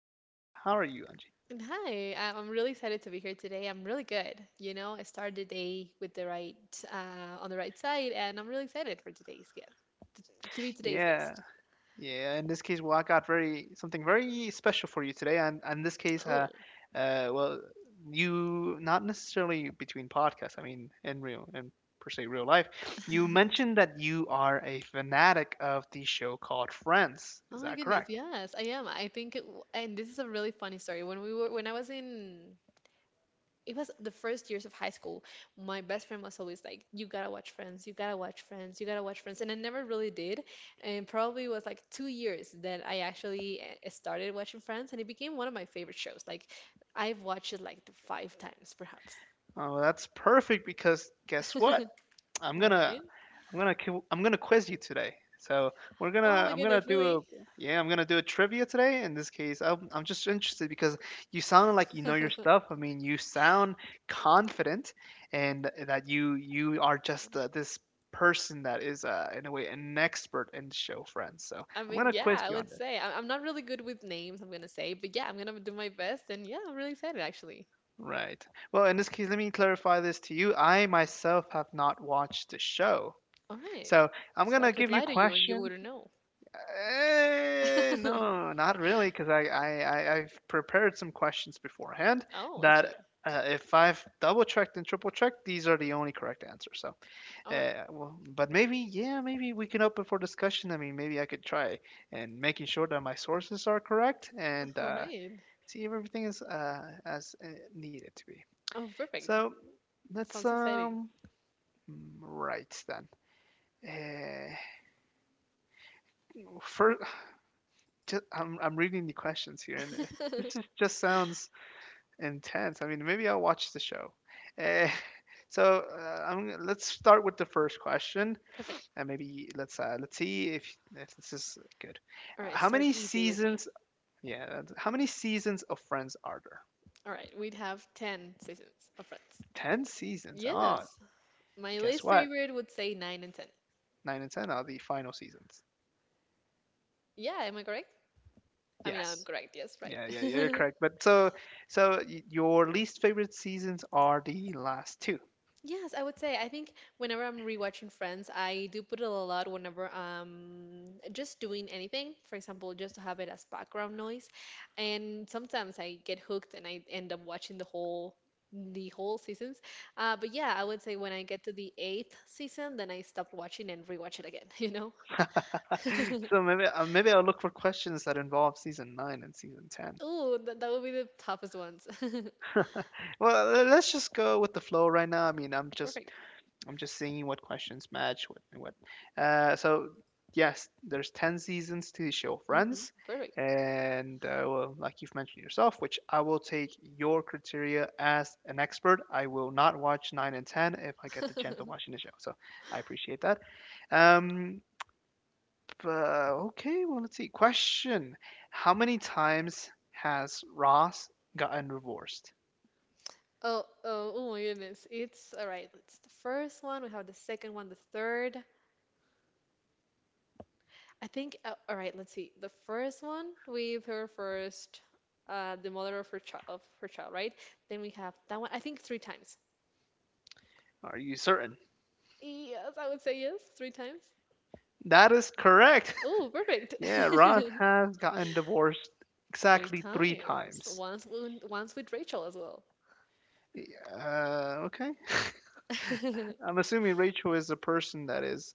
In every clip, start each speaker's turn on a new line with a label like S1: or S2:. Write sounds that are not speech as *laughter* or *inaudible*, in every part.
S1: Angie. How are you, Angie?
S2: And Hi, I'm really excited to be here today. I'm really good. You know, I started the day with the right on the right side, and I'm really excited for today's t- to be today's
S1: Yeah,
S2: guest.
S1: yeah. In this case, well, I got very something very special for you today, and in this case,
S2: Oh,
S1: well, you not necessarily between podcasts. I mean, in real in per se real life,
S2: *laughs*
S1: you mentioned that you are a fanatic of the show called Friends.
S2: oh
S1: Is
S2: my
S1: that
S2: goodness,
S1: correct?
S2: yes, I am. I think, it, w- and this is a really funny story. When we were when I was in it was the first years of high school. My best friend was always like, "You gotta watch Friends. You gotta watch Friends. You gotta watch Friends." And I never really did. And probably was like 2 years that I actually started watching Friends, and it became one of my favorite shows. Like, I've watched it like 5 times, perhaps.
S1: Oh, well, that's perfect because guess what?
S2: *laughs*
S1: I'm
S2: Right?
S1: gonna I'm gonna quiz you today. So we're
S2: Oh
S1: gonna
S2: my
S1: I'm gonna
S2: goodness,
S1: do
S2: really?
S1: a yeah I'm gonna do a trivia today. In this case, I'm just interested because you sound like you know your
S2: *laughs*
S1: stuff. I mean, you sound confident, and that you are just this person that is in a way an expert in show friends. So
S2: I
S1: I'm
S2: mean,
S1: gonna
S2: yeah,
S1: quiz
S2: I
S1: you on
S2: would
S1: this.
S2: say I'm not really good with names, I'm gonna say, but yeah, I'm gonna do my best, and yeah, I'm really excited actually.
S1: Right. Well, in this case, let me clarify this to you. I myself have not watched the show,
S2: All right.
S1: so I'm
S2: So I
S1: gonna
S2: could
S1: give you
S2: lie to you and you
S1: questions.
S2: wouldn't know. *laughs*
S1: No, not really, because I've prepared some questions beforehand
S2: Oh, I
S1: that
S2: see.
S1: if I've double checked and triple checked, these are the only correct answers. So,
S2: All right.
S1: well, but maybe, yeah, maybe we can open for discussion. I mean, maybe I could try and making sure that my sources are correct and
S2: All
S1: uh,
S2: right.
S1: see if everything is as needed to be.
S2: Oh, perfect.
S1: So let's
S2: Sounds exciting.
S1: right then. Uh, First, just I'm reading the questions here, and it- *laughs* this
S2: *laughs*
S1: is, just sounds intense. I mean, maybe I'll watch the show. Eh, *laughs* so let's start with the first question,
S2: Perfect.
S1: and maybe let's see if this is good.
S2: All right,
S1: How
S2: start
S1: many
S2: easy with me.
S1: seasons? Yeah, that's- how many seasons of Friends are there?
S2: All right, we'd have 10 seasons of Friends.
S1: Ten seasons. Ah,
S2: Yes. My
S1: guess
S2: least
S1: what?
S2: favorite would say 9 and 10.
S1: Nine and ten are the final seasons.
S2: Yeah, am I correct? I mean, I'm
S1: Yes.
S2: correct. Yes, right.
S1: Yeah, yeah, yeah, you're
S2: *laughs*
S1: correct. But so, so y- your least favorite seasons are the last two.
S2: Yes, I would say. I think whenever I'm rewatching Friends, I do put it a lot whenever I'm just doing anything. For example, just to have it as background noise. And sometimes I get hooked and I end up watching the whole seasons. But yeah, I would say when I get to the eighth season, then I stop watching and rewatch it again, *laughs* you know?
S1: *laughs*
S2: *laughs*
S1: So maybe maybe I'll look for questions that involve season nine and season ten.
S2: Ooh, that would be the toughest ones. *laughs*
S1: *laughs* Well, le- let's just go with the flow right now. I mean,
S2: Perfect.
S1: I'm just seeing what questions match what. So yes, there's ten seasons to the show
S2: Hmm
S1: Friends,
S2: Perfect.
S1: and well, like you've mentioned yourself, which I will take your criteria as an expert. I will not watch nine and ten if I get the chance of
S2: *laughs*
S1: watching the show. So I appreciate that. Um, okay, well, let's see. Question how many times has Ross gotten divorced?
S2: Oh my goodness. It's all right. It's the first one. We have the second one, the third. All right, let's see. The first one with her first, the mother of her child, right? Then we have that one, I think 3 times.
S1: Are you certain?
S2: Yes, I would say yes, 3 times.
S1: That is correct.
S2: Oh, perfect.
S1: *laughs* Yeah, Ross
S2: *laughs*
S1: has gotten divorced
S2: Three
S1: exactly three
S2: times.
S1: times.
S2: Once with Rachel as well.
S1: Okay. *laughs*
S2: *laughs*
S1: I'm assuming Rachel is a person that is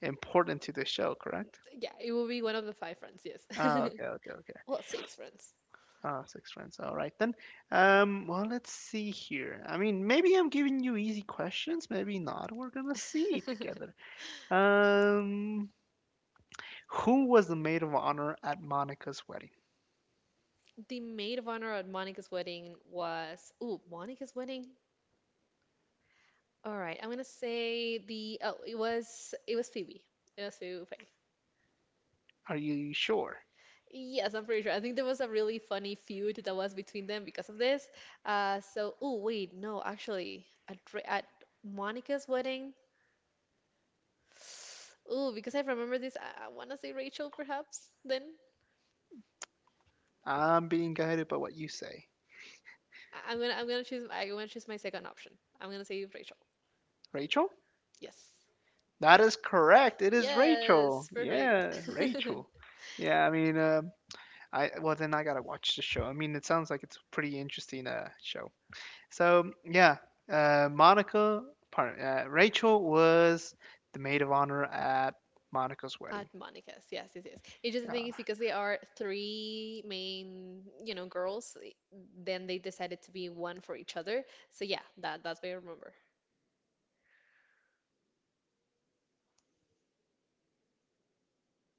S1: important to the show, correct?
S2: Yeah, it will be one of the five friends, yes.
S1: Oh, okay, okay, okay.
S2: *laughs* Well, six friends.
S1: Oh, six friends. All right then. Well, let's see here. I mean, maybe I'm giving you easy questions, maybe not. We're gonna see
S2: *laughs*
S1: together. Um, who was the maid of honor at Monica's wedding?
S2: The maid of honor at Monica's wedding was ooh, Monica's wedding? All right, I'm gonna say the oh, it was Phoebe. It was Phoebe Buffay.
S1: Are you sure?
S2: Yes, I'm pretty sure. I think there was a really funny feud that was between them because of this. So oh wait, no, actually, at Ra- at Monica's wedding, ooh, because I remember this, I wanna say Rachel perhaps. Then
S1: I'm being guided by what you say.
S2: I'm gonna choose my second option. I'm gonna say Rachel.
S1: Rachel?
S2: Yes.
S1: That is correct. It is Rachel.
S2: Yes, perfect.
S1: Yeah,
S2: *laughs*
S1: Rachel. Yeah, I mean, I well then I gotta watch the show. I mean, it sounds like it's a pretty interesting show. So yeah, Monica, pardon, Rachel was the maid of honor at Monica's wedding.
S2: At Monica's, yes. It's just the
S1: Yeah.
S2: thing is because they are three main, you know, then they decided to be one for each other. So yeah, that that's what I remember.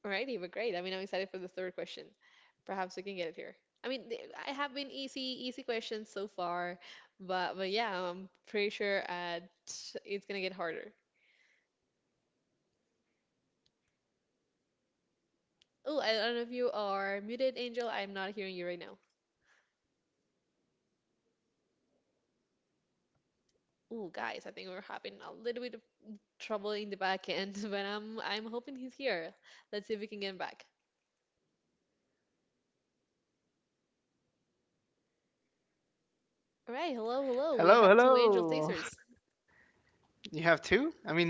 S2: Alrighty, but great. I mean, I'm excited for the third question. Perhaps we can get it here. I have been easy questions so far, but yeah, I'm pretty sure it's gonna get harder. Oh, I don't know if you are muted, Angel. I'm not hearing you right now. Oh, guys, I think we're having a little bit trouble in the back end, *laughs* but I'm hoping he's here. Let's see if we can get him back. All right, hello, hello. We have two angel chasers.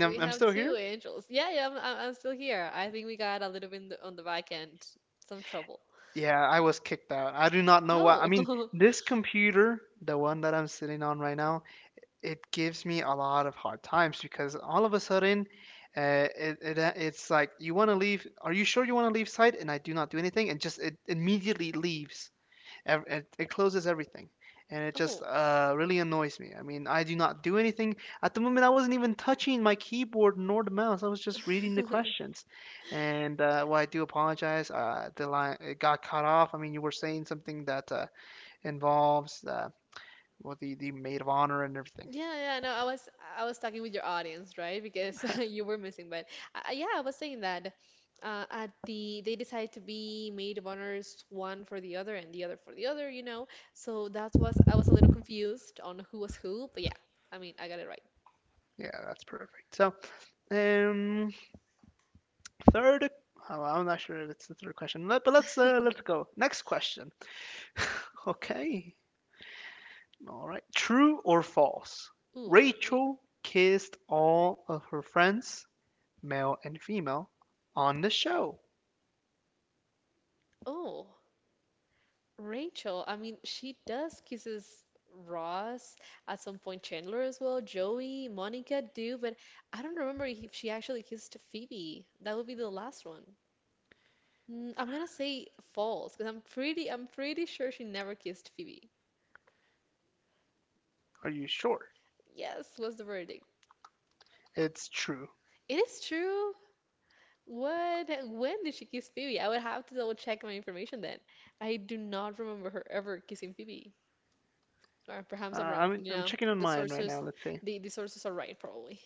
S2: We have two angels. Yeah, yeah, I'm still here. I think we got a little bit in the, on the back end, some trouble. Oh, *laughs* oh. *laughs* Yeah, yeah, no, I was talking with your audience, right? Because *laughs* you were missing, but yeah, I was saying that at the they decided to be maid of honors one for the other and the other for the other, you know. So that's was I was a little confused on who was who, but yeah, I mean I got it right. Ooh, all right. Oh, Rachel. I mean she does kisses Ross at some point, Chandler as well, Joey, Monica do, but I don't remember if she actually kissed Phoebe. That would be the last one. Mm, I'm gonna say false because I'm pretty sure she never kissed Phoebe. Yes, was the verdict. It is true. What? When did she kiss Phoebe? I would have to double check my information then. I do not remember her ever kissing Phoebe. Or perhaps I'm wrong. You know, the sources, the sources are right probably.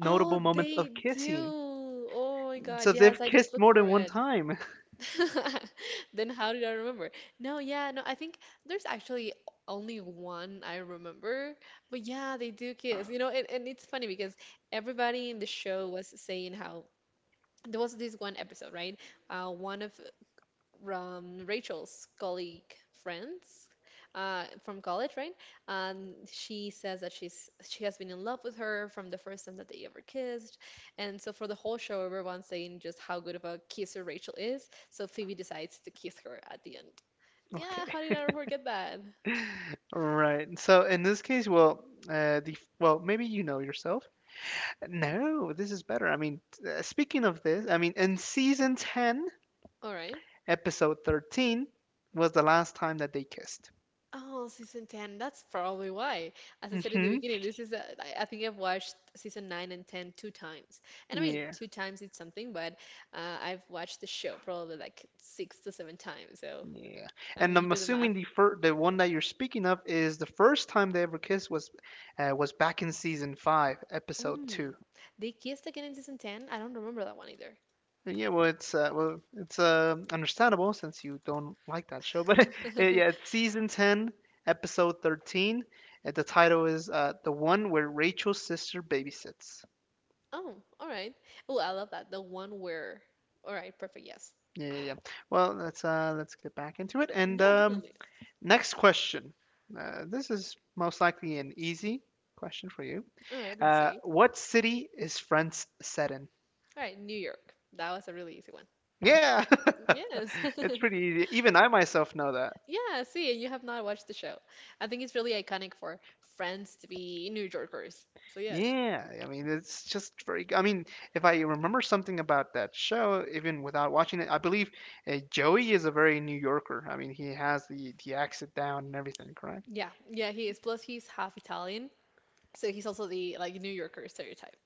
S2: Oh, they do. Oh my God, yes, I just looked for it. *laughs* Then how did I remember? No, yeah, no, I think there's actually only one I remember. But yeah, they do kiss. You know, and it's funny because everybody in the show was saying how there was this one episode, right? One of Rachel's colleague friends from college, right? And she says that she has been in love with her from the first time that they ever kissed. And so for the whole show, everyone's saying just how good of a kisser Rachel is. So Phoebe decides to kiss her at the end. Yeah, how did I forget that? All right. Oh, season 10. That's probably why. As I said in the beginning, this is I think I've watched season 9 and ten two times. And I mean, two times it's something, but I've watched the show probably like 6 to 7 times. So, I mean, you do the math. Mm. They kissed again in season 10? I don't remember that one either. *laughs* Oh, all right. Oh, I love that. The one where. All right, perfect. Yes. Yeah, definitely. All right, let's see. All right, New York. That was a really easy one. Yes. *laughs* Yeah, see, you have not watched the show. I think it's really iconic for Friends to be New Yorkers. So yes. Yeah, yeah, he is. Plus, he's half Italian, so he's also the like New Yorker stereotype.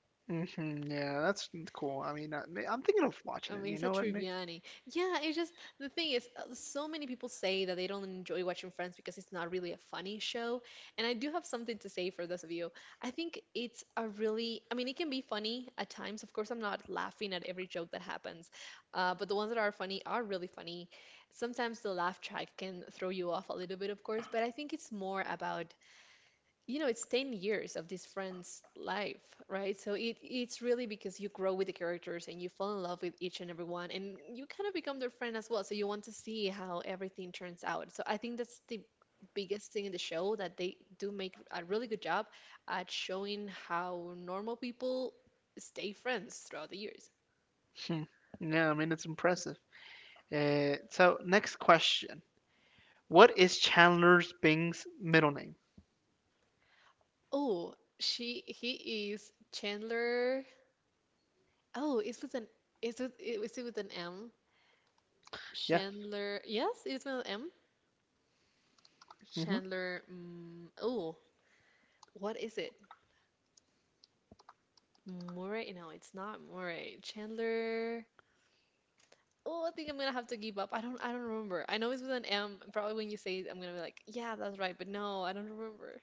S2: I mean it's a Triviani. Yeah, it's just the thing is, so many people say that they don't enjoy watching Friends because it's not really a funny show. And I do have something to say for those of you. I think it's a really, I mean, it can be funny at times. Of course, I'm not laughing at every joke that happens, but the ones that are funny are really funny. Sometimes the laugh track can throw you off a little bit, of course, but I think it's more about you know, it's 10 years of this friend's life, right? So it's really because you grow with the characters and you fall in love with each and every one, and you kind of become their friend as well. So you want to see how everything turns out. So I think that's the biggest thing in the show that they do make a really good job at showing how normal people stay friends throughout the years. He is Chandler. Oh, it's with an, is it with an M? Chandler. Yes, it's with an M. Chandler. Mm, oh, what is it? Murray? No, it's not Murray. Chandler. Oh, I think I'm gonna have to give up. I don't. I don't remember. I know it's with an M. and Probably when you say it, I'm gonna be like, yeah, that's right. But no, I don't remember.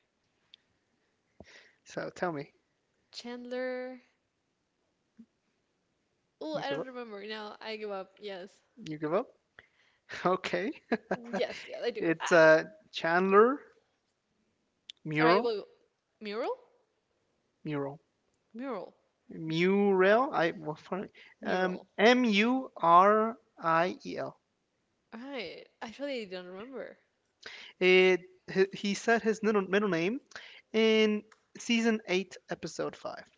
S2: Chandler. Oh, I don't remember. No, I give up. Yes. Yes. Yes, I do. Ah. All right. Well, mural. Mural. Mural. All right. Actually, I don't remember.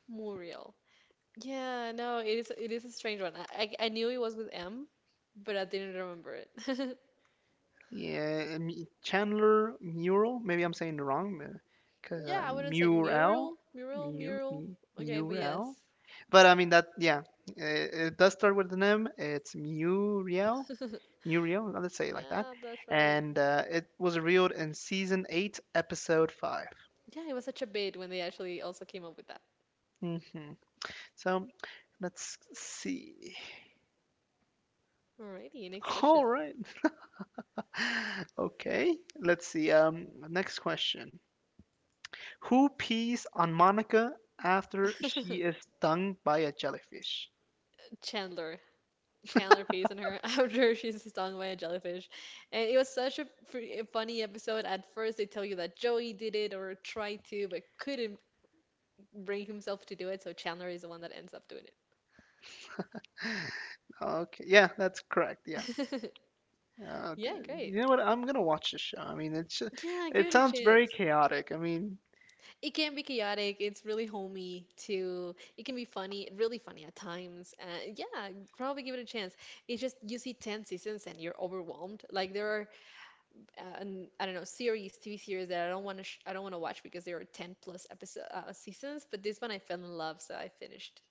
S2: Muriel. Yeah, no, it is a strange one. I knew it was with M, but I didn't remember it. *laughs* Yeah, I wouldn't say mural. Okay, but yes. *laughs* Yeah, that's right. Yeah, it was such a bait when they actually also came up with that. Alrighty, next question. *laughs* Chandler. Chandler facing her *laughs* after she's stung by a jellyfish. And it was such a funny episode. At first, they tell you that Joey did it or tried to, but couldn't bring himself to do it. So Chandler is the one that ends up doing *laughs* Yeah, great. Yeah, give it a chance. It can be chaotic. It's really homey too. It can be funny, really funny at times. Yeah, probably give it a chance. It's just you see 10 seasons and you're overwhelmed. Like there are, I don't know, TV series that I don't want to, sh I don't want to watch because there are 10 plus episode seasons. But this one I fell in love, so I finished.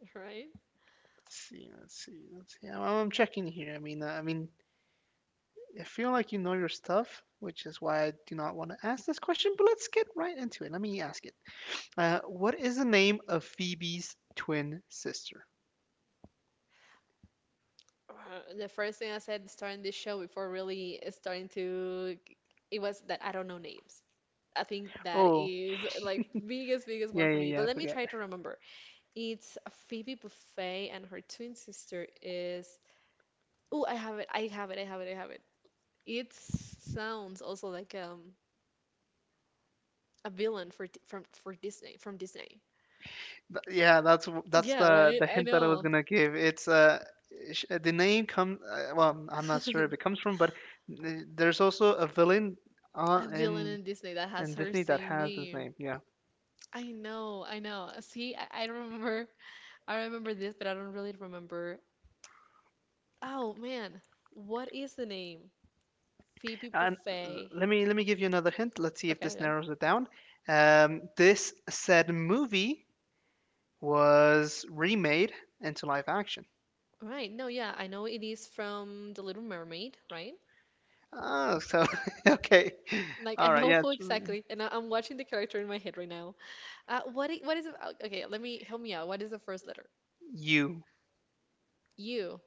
S2: *laughs* Right? The first thing I said starting this show before really starting to, it was that I don't know names. I think that is like biggest, biggest one for me. But let me try to remember. It's Phoebe Buffay and her twin sister is. Oh, I have it. I have it. I have it. I have it. It sounds also like a villain for Di- from for Disney from Disney. Yeah, right. I know. *laughs* A villain in Disney that has her same name. I know. I know. See, I remember. I remember this, but I don't really remember. Oh man, what is the name? Phoebe Buffay. Okay, yeah. Right. No, yeah, I know it is from The Little Mermaid, right? Like I know *laughs* who exactly, and I'm watching the character in my head right now. What I- what is the- okay? Let me help me out. What is the first letter? U.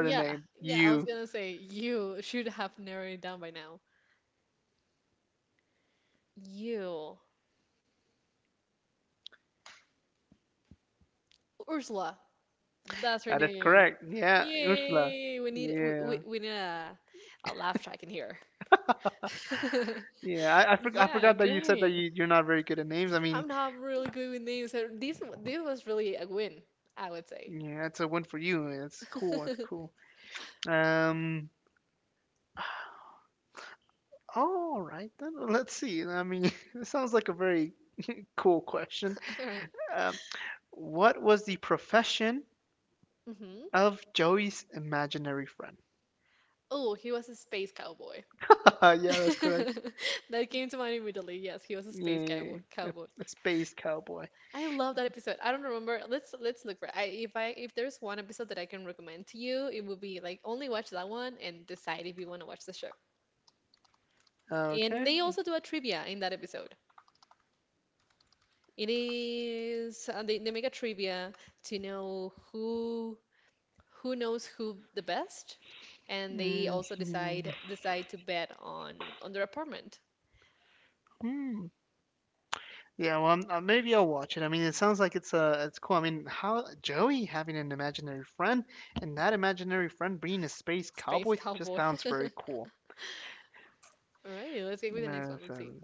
S2: Yeah, yeah. I was gonna say you should have narrowed it down by now. You, Ursula. That's her name. Yay! We need a laugh track in here. *laughs* Yeah, great. I'm not really good with names. So this was really a win, I would say. *laughs* All right. Mm-hmm. Oh, he was a space cowboy. *laughs* That came to mind immediately. Yes, he was a space cowboy. Cowboy. I love that episode. I don't remember. Let's look for. I if there's one episode that I can recommend to you, it would be like only watch that one and decide if you want to watch the show. And they also do a trivia in that episode. It is they make a trivia to know who knows who the best, and they also decide to bet on their apartment. Space cowboy. *laughs* Alrighty, let's get with the next one. Let's see.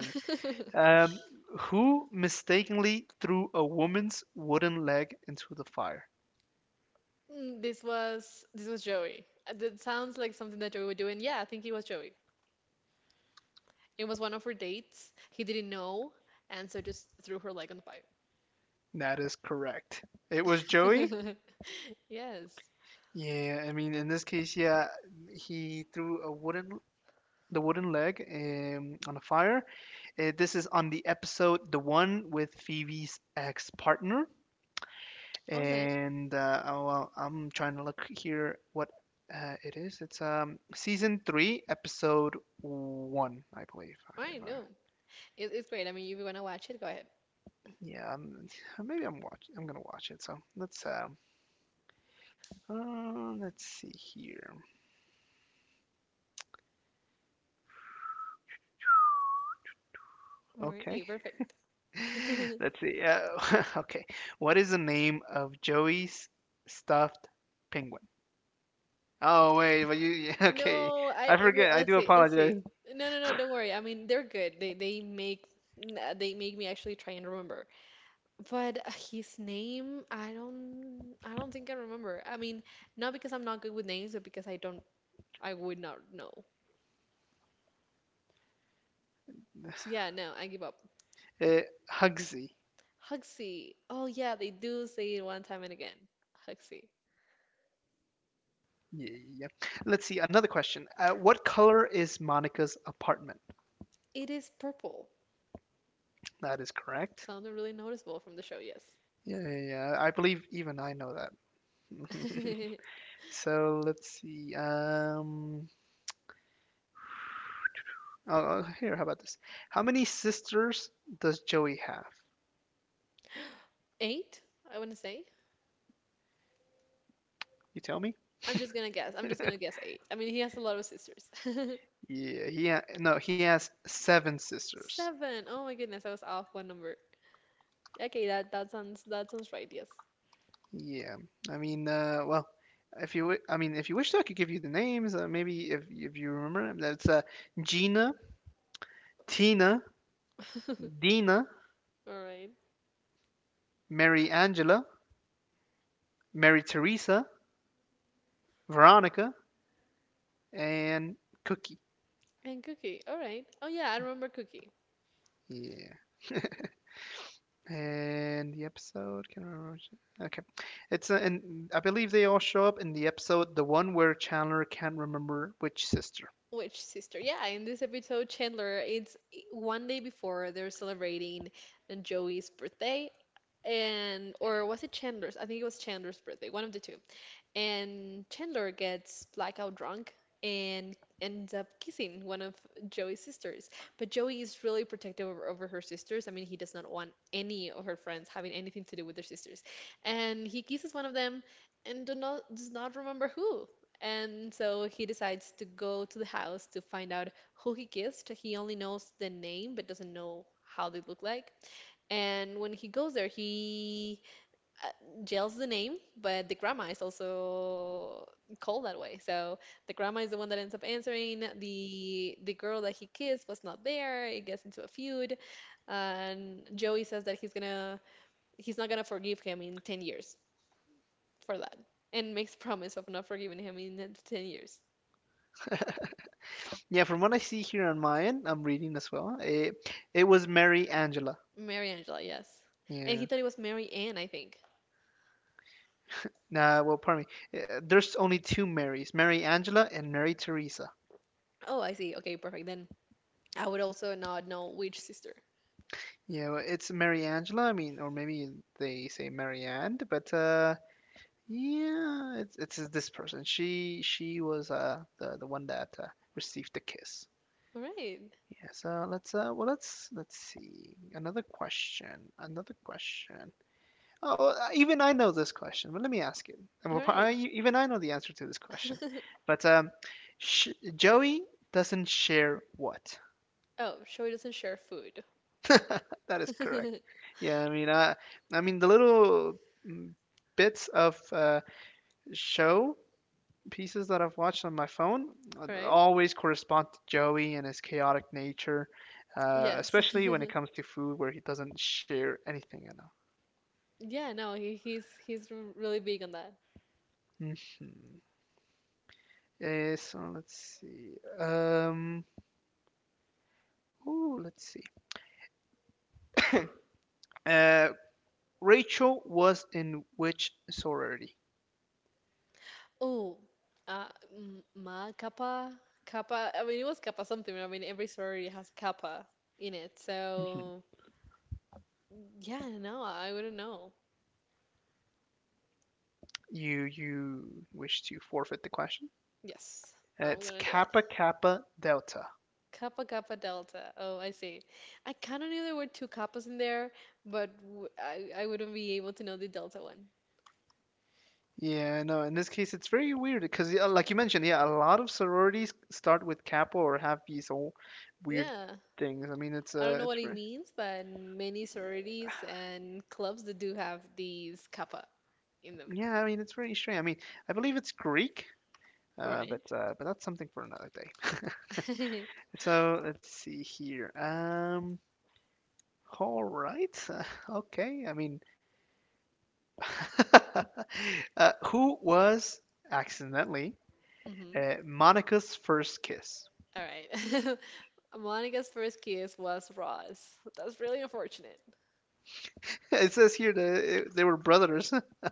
S2: *laughs* This was Joey. That sounds like something that Joey would do, and yeah, I think it was Joey. It was one of her dates. He didn't know, and so just threw her leg on the pipe. *laughs* Yes. Okay. All right. No, it's great. I mean, if you wanna watch it, go ahead. Alrighty, perfect. *laughs* No, let's see. No, no, no, don't worry. I mean, they're good. They make me actually try and remember. But his name, I don't think I remember. I mean, not because I'm not good with names, but because I would not know. So yeah, no, I give up. Huxley. Oh yeah, they do say it one time and again. Huxley. It is purple. Something really noticeable from the show, yes. *laughs* Eight, I want to say. I'm just gonna guess. I'm just gonna guess eight. I mean, he has a lot of sisters. *laughs* Seven. Oh my goodness, I was off one number. Okay, that sounds right. Yes. *laughs* All right. And Cookie. All right. Oh yeah, I remember Cookie. Which sister? Yeah, in this episode, Chandler, it's one day before they're celebrating Joey's birthday, and or was it Chandler's? I think it was Chandler's birthday, one of the two. And Chandler gets blackout drunk and ends up kissing one of Joey's sisters. But Joey is really protective over her sisters. I mean, he does not want any of her friends having anything to do with their sisters. And he kisses one of them and do not, does not remember who. And so he decides to go to the house to find out who he kissed. He only knows the name but doesn't know how they look like. And when he goes there, he uh, jail's the name, but the grandma is also called that way. So the grandma is the one that ends up answering. The girl that he kissed was not there. It gets into a feud, and Joey says that he's not gonna forgive him in 10 years for that, and makes promise of not forgiving him in 10 years. Mary Angela, yes. And he thought it was Mary Ann, I think. Oh, I see. Okay, perfect. Then I would also not know which sister. All right. All right. *laughs* Oh, so doesn't share food. *laughs* Right? Yes. *laughs* Yeah, no, he's really big on that. Oh, uh, ma kappa kappa. I mean, it was kappa something. I mean, every story has kappa in it. So yeah, no, I wouldn't know. Yes, I'm gonna do that. Kappa kappa delta. Oh, I see. I kind of knew there were two kappas in there, but w I wouldn't be able to know the delta one. Yeah, I don't know what it means, but many sororities and clubs that do have these kappa in them. All right. *laughs* Mm-hmm. All right. *laughs* Monica's first kiss was Ross. That's really unfortunate.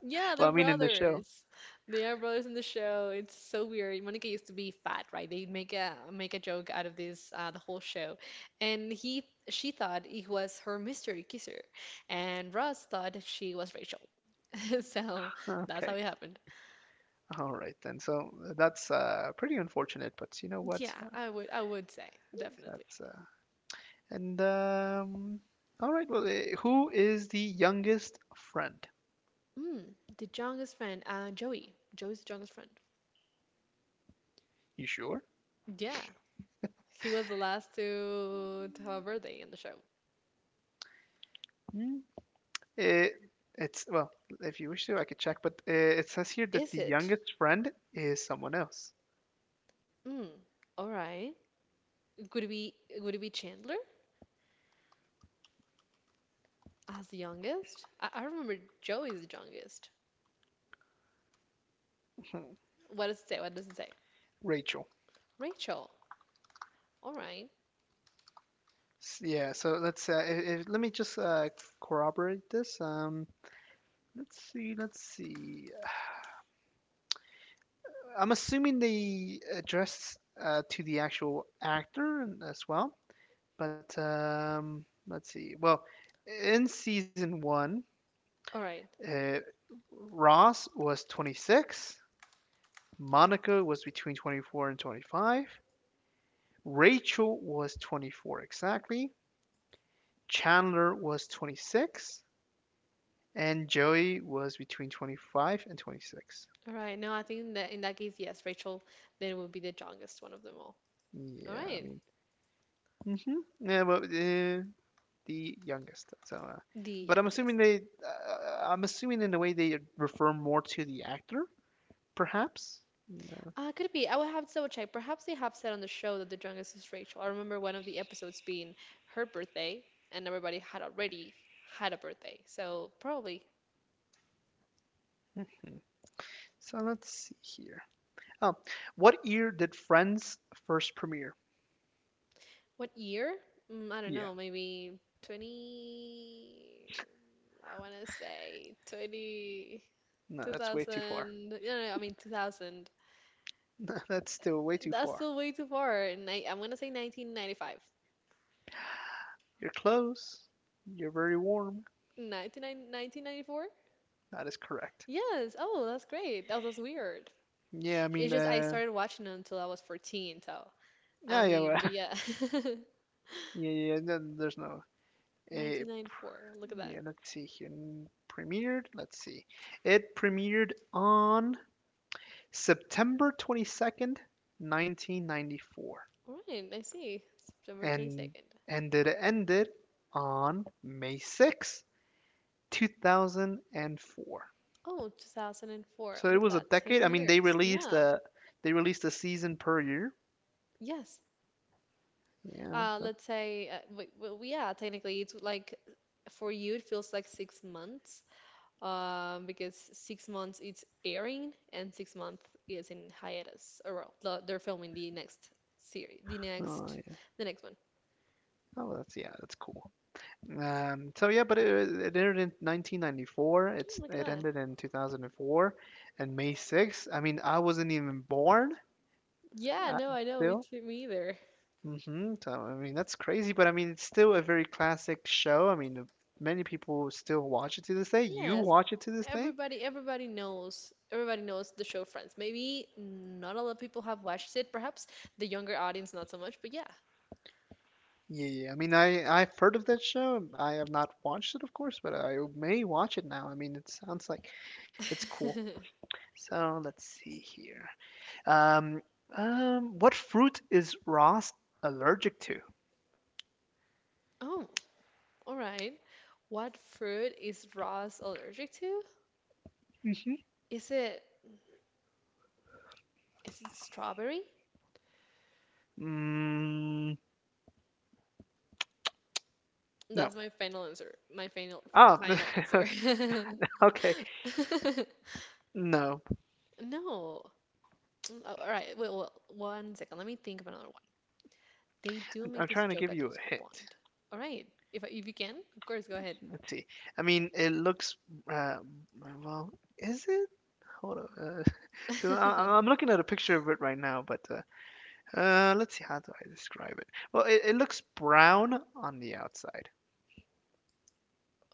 S2: Yeah, they're brothers. They are brothers in the show. It's so weird. Monica used to be fat, right? They make a joke out of this the whole show, and he she thought it was her mystery kisser, and Ross thought she was Rachel. *laughs* So that's how it happened. Yeah, I would say definitely. Mm, the youngest friend, Joey. Joey's the youngest friend. Yeah, he was the last to have a birthday in the show. Is it? Mm, all right. Would it be would it be Chandler as the youngest? I remember Joey is the youngest. What does it say? What does it say? Rachel. All right. All right. All right. No, I think that in that case, yes, Rachel then will be the youngest one of them all. All right. The youngest, yes. Could it be? I will have to double check. Perhaps they have said on the show that the youngest is Rachel. I remember one of the episodes being her birthday, and everybody had already had a birthday. So probably what year? I don't know. Maybe 20. I want to say 20, 2000. No, no, no, I mean 2000. That's still way too far. Ni I'm gonna say 1995. 1994? Yes. Oh, that's great. That was weird. It's just I started watching it until I was 14, so I mean, but yeah. *laughs* 1994. Look at that. All right, I see. September 22nd. Oh, 2004. Look at that. 10 years. Yeah. Yes, let's say, well, yeah, technically it's like for you it feels like 6 months, because 6 months it's airing and 6 months is in hiatus, or well, they're filming the next series, the next one. Oh, look at that. Yeah, no, I know, me too, me either. Yes, everybody knows the show Friends. Maybe not a lot of people have watched it, perhaps the younger audience not so much, but yeah. *laughs* Oh. All right. What fruit is Ross allergic to? Is it is it strawberry? That's my final answer. My final final answer. *laughs* No. All right. Wait, well, one second. Let me think of another one. They do make this joke at some point. All right. If you can, of course, go ahead. *laughs*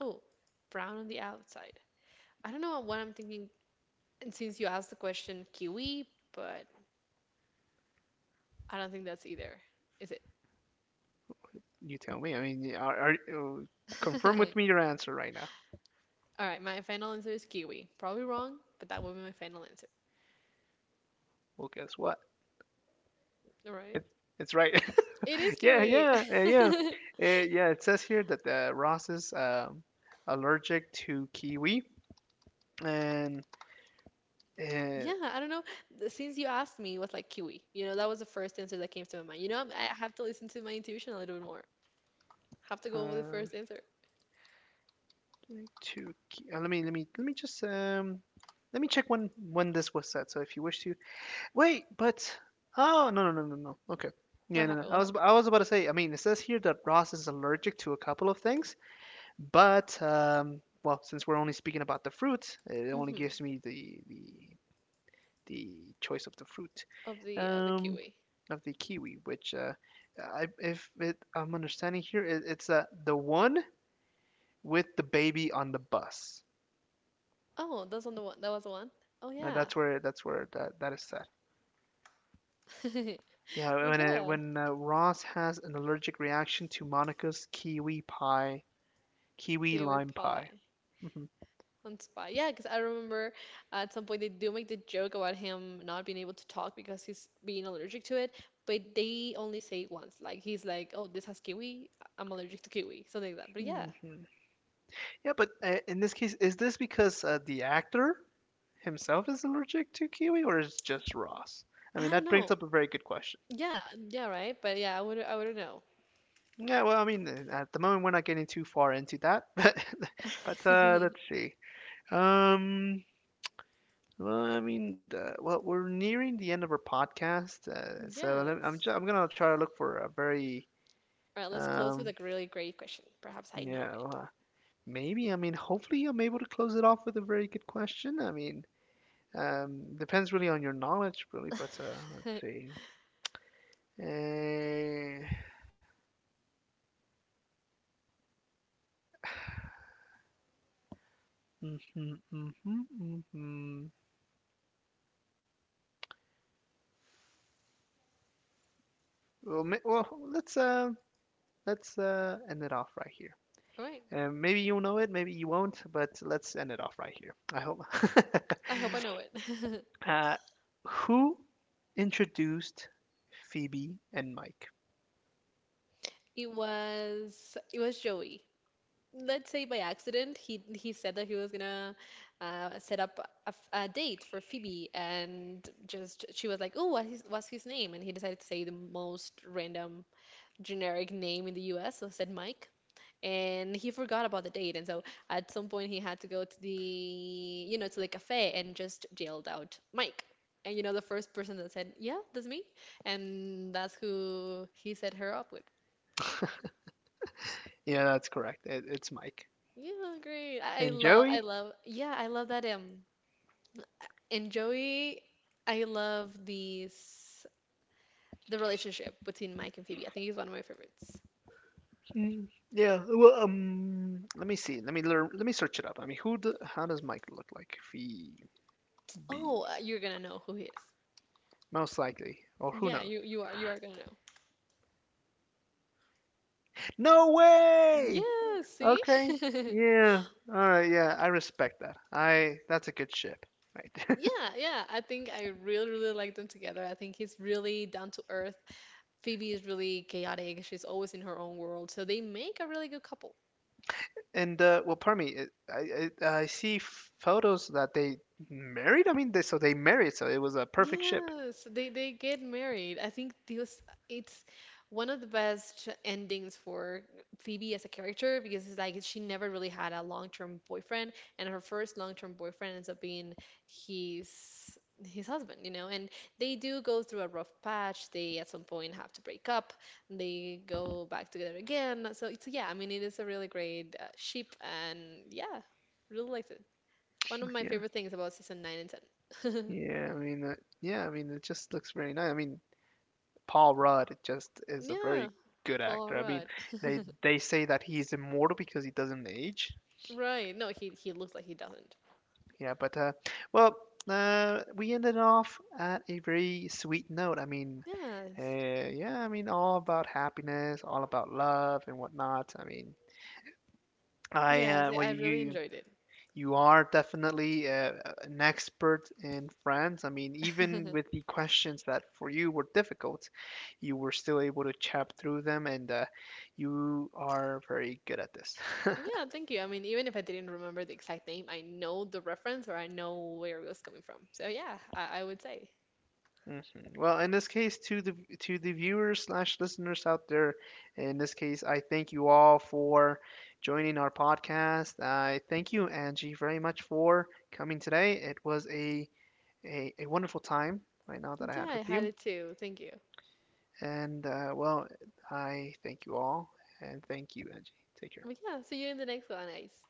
S2: Oh, brown on the outside. I don't know what I'm thinking. And since you asked the question, kiwi, but I don't think that's either. Is it? *laughs* All right, my final answer is kiwi. Probably wrong, but that will be my final answer. All right. It is kiwi. *laughs* Yeah, I don't know. Since you asked me, it was like kiwi. You know, that was the first answer that came to my mind. You know, I have to listen to my intuition a little bit more. Have to go with the first answer. What happened? What happened? hmm of the kiwi. Oh, that's on the one. That was the one. Oh yeah. *laughs* Well, yeah. Kiwi pie. On spot. Yeah, because I remember at some point they do make the joke about him not being able to talk because he's being allergic to it, but they only say it once. Like he's like, "Oh, this has kiwi. I'm allergic to kiwi." Something like that. But yeah, I don't know. Yeah, yeah, right. But yeah, I wouldn't know. *laughs* Yes. All right, let's close with a really great question. Perhaps I know it. *laughs* All right. I hope I know it. *laughs* It was Joey. Let's say by accident he said that he was gonna set up a date for Phoebe, and just she was like, oh, what what's his name. And he decided to say the most random generic name in the US, so said Mike. And he forgot about the date, and so at some point he had to go to the you know to the cafe and just yelled out Mike. And you know the first person that said, yeah, that's me. And that's who he set her up with. Yeah, great. I love, yeah, I love that. And Joey, I love the relationship between Mike and Phoebe. I think he's one of my favorites. Oh, you're gonna know who he is. Yeah, you are gonna know. Yeah, see? *laughs* Yeah, yeah. I think I really, really like them together. I think he's really down to earth. Phoebe is really chaotic. She's always in her own world. So they make a really good couple. Yes, they get married. I think this it's one of the best endings for Phoebe as a character because it's like she never really had a long-term boyfriend, and her first long-term boyfriend ends up being his his husband. And they do go through a rough patch. They at some point have to break up. They go back together again. So it's, yeah, I mean, it is a really great ship, and yeah, really liked it. One of my favorite things about season nine and ten. *laughs* Yeah, Paul Rudd. *laughs* Right. No, he looks like he doesn't. Yes. Yes, I really enjoyed it. *laughs* Yeah, thank you. I mean, even if I didn't remember the exact name, I know the reference or I know where it was coming from. So yeah, I would say. Yeah, I had it too. Thank you. But yeah, see you in the next one, Ice.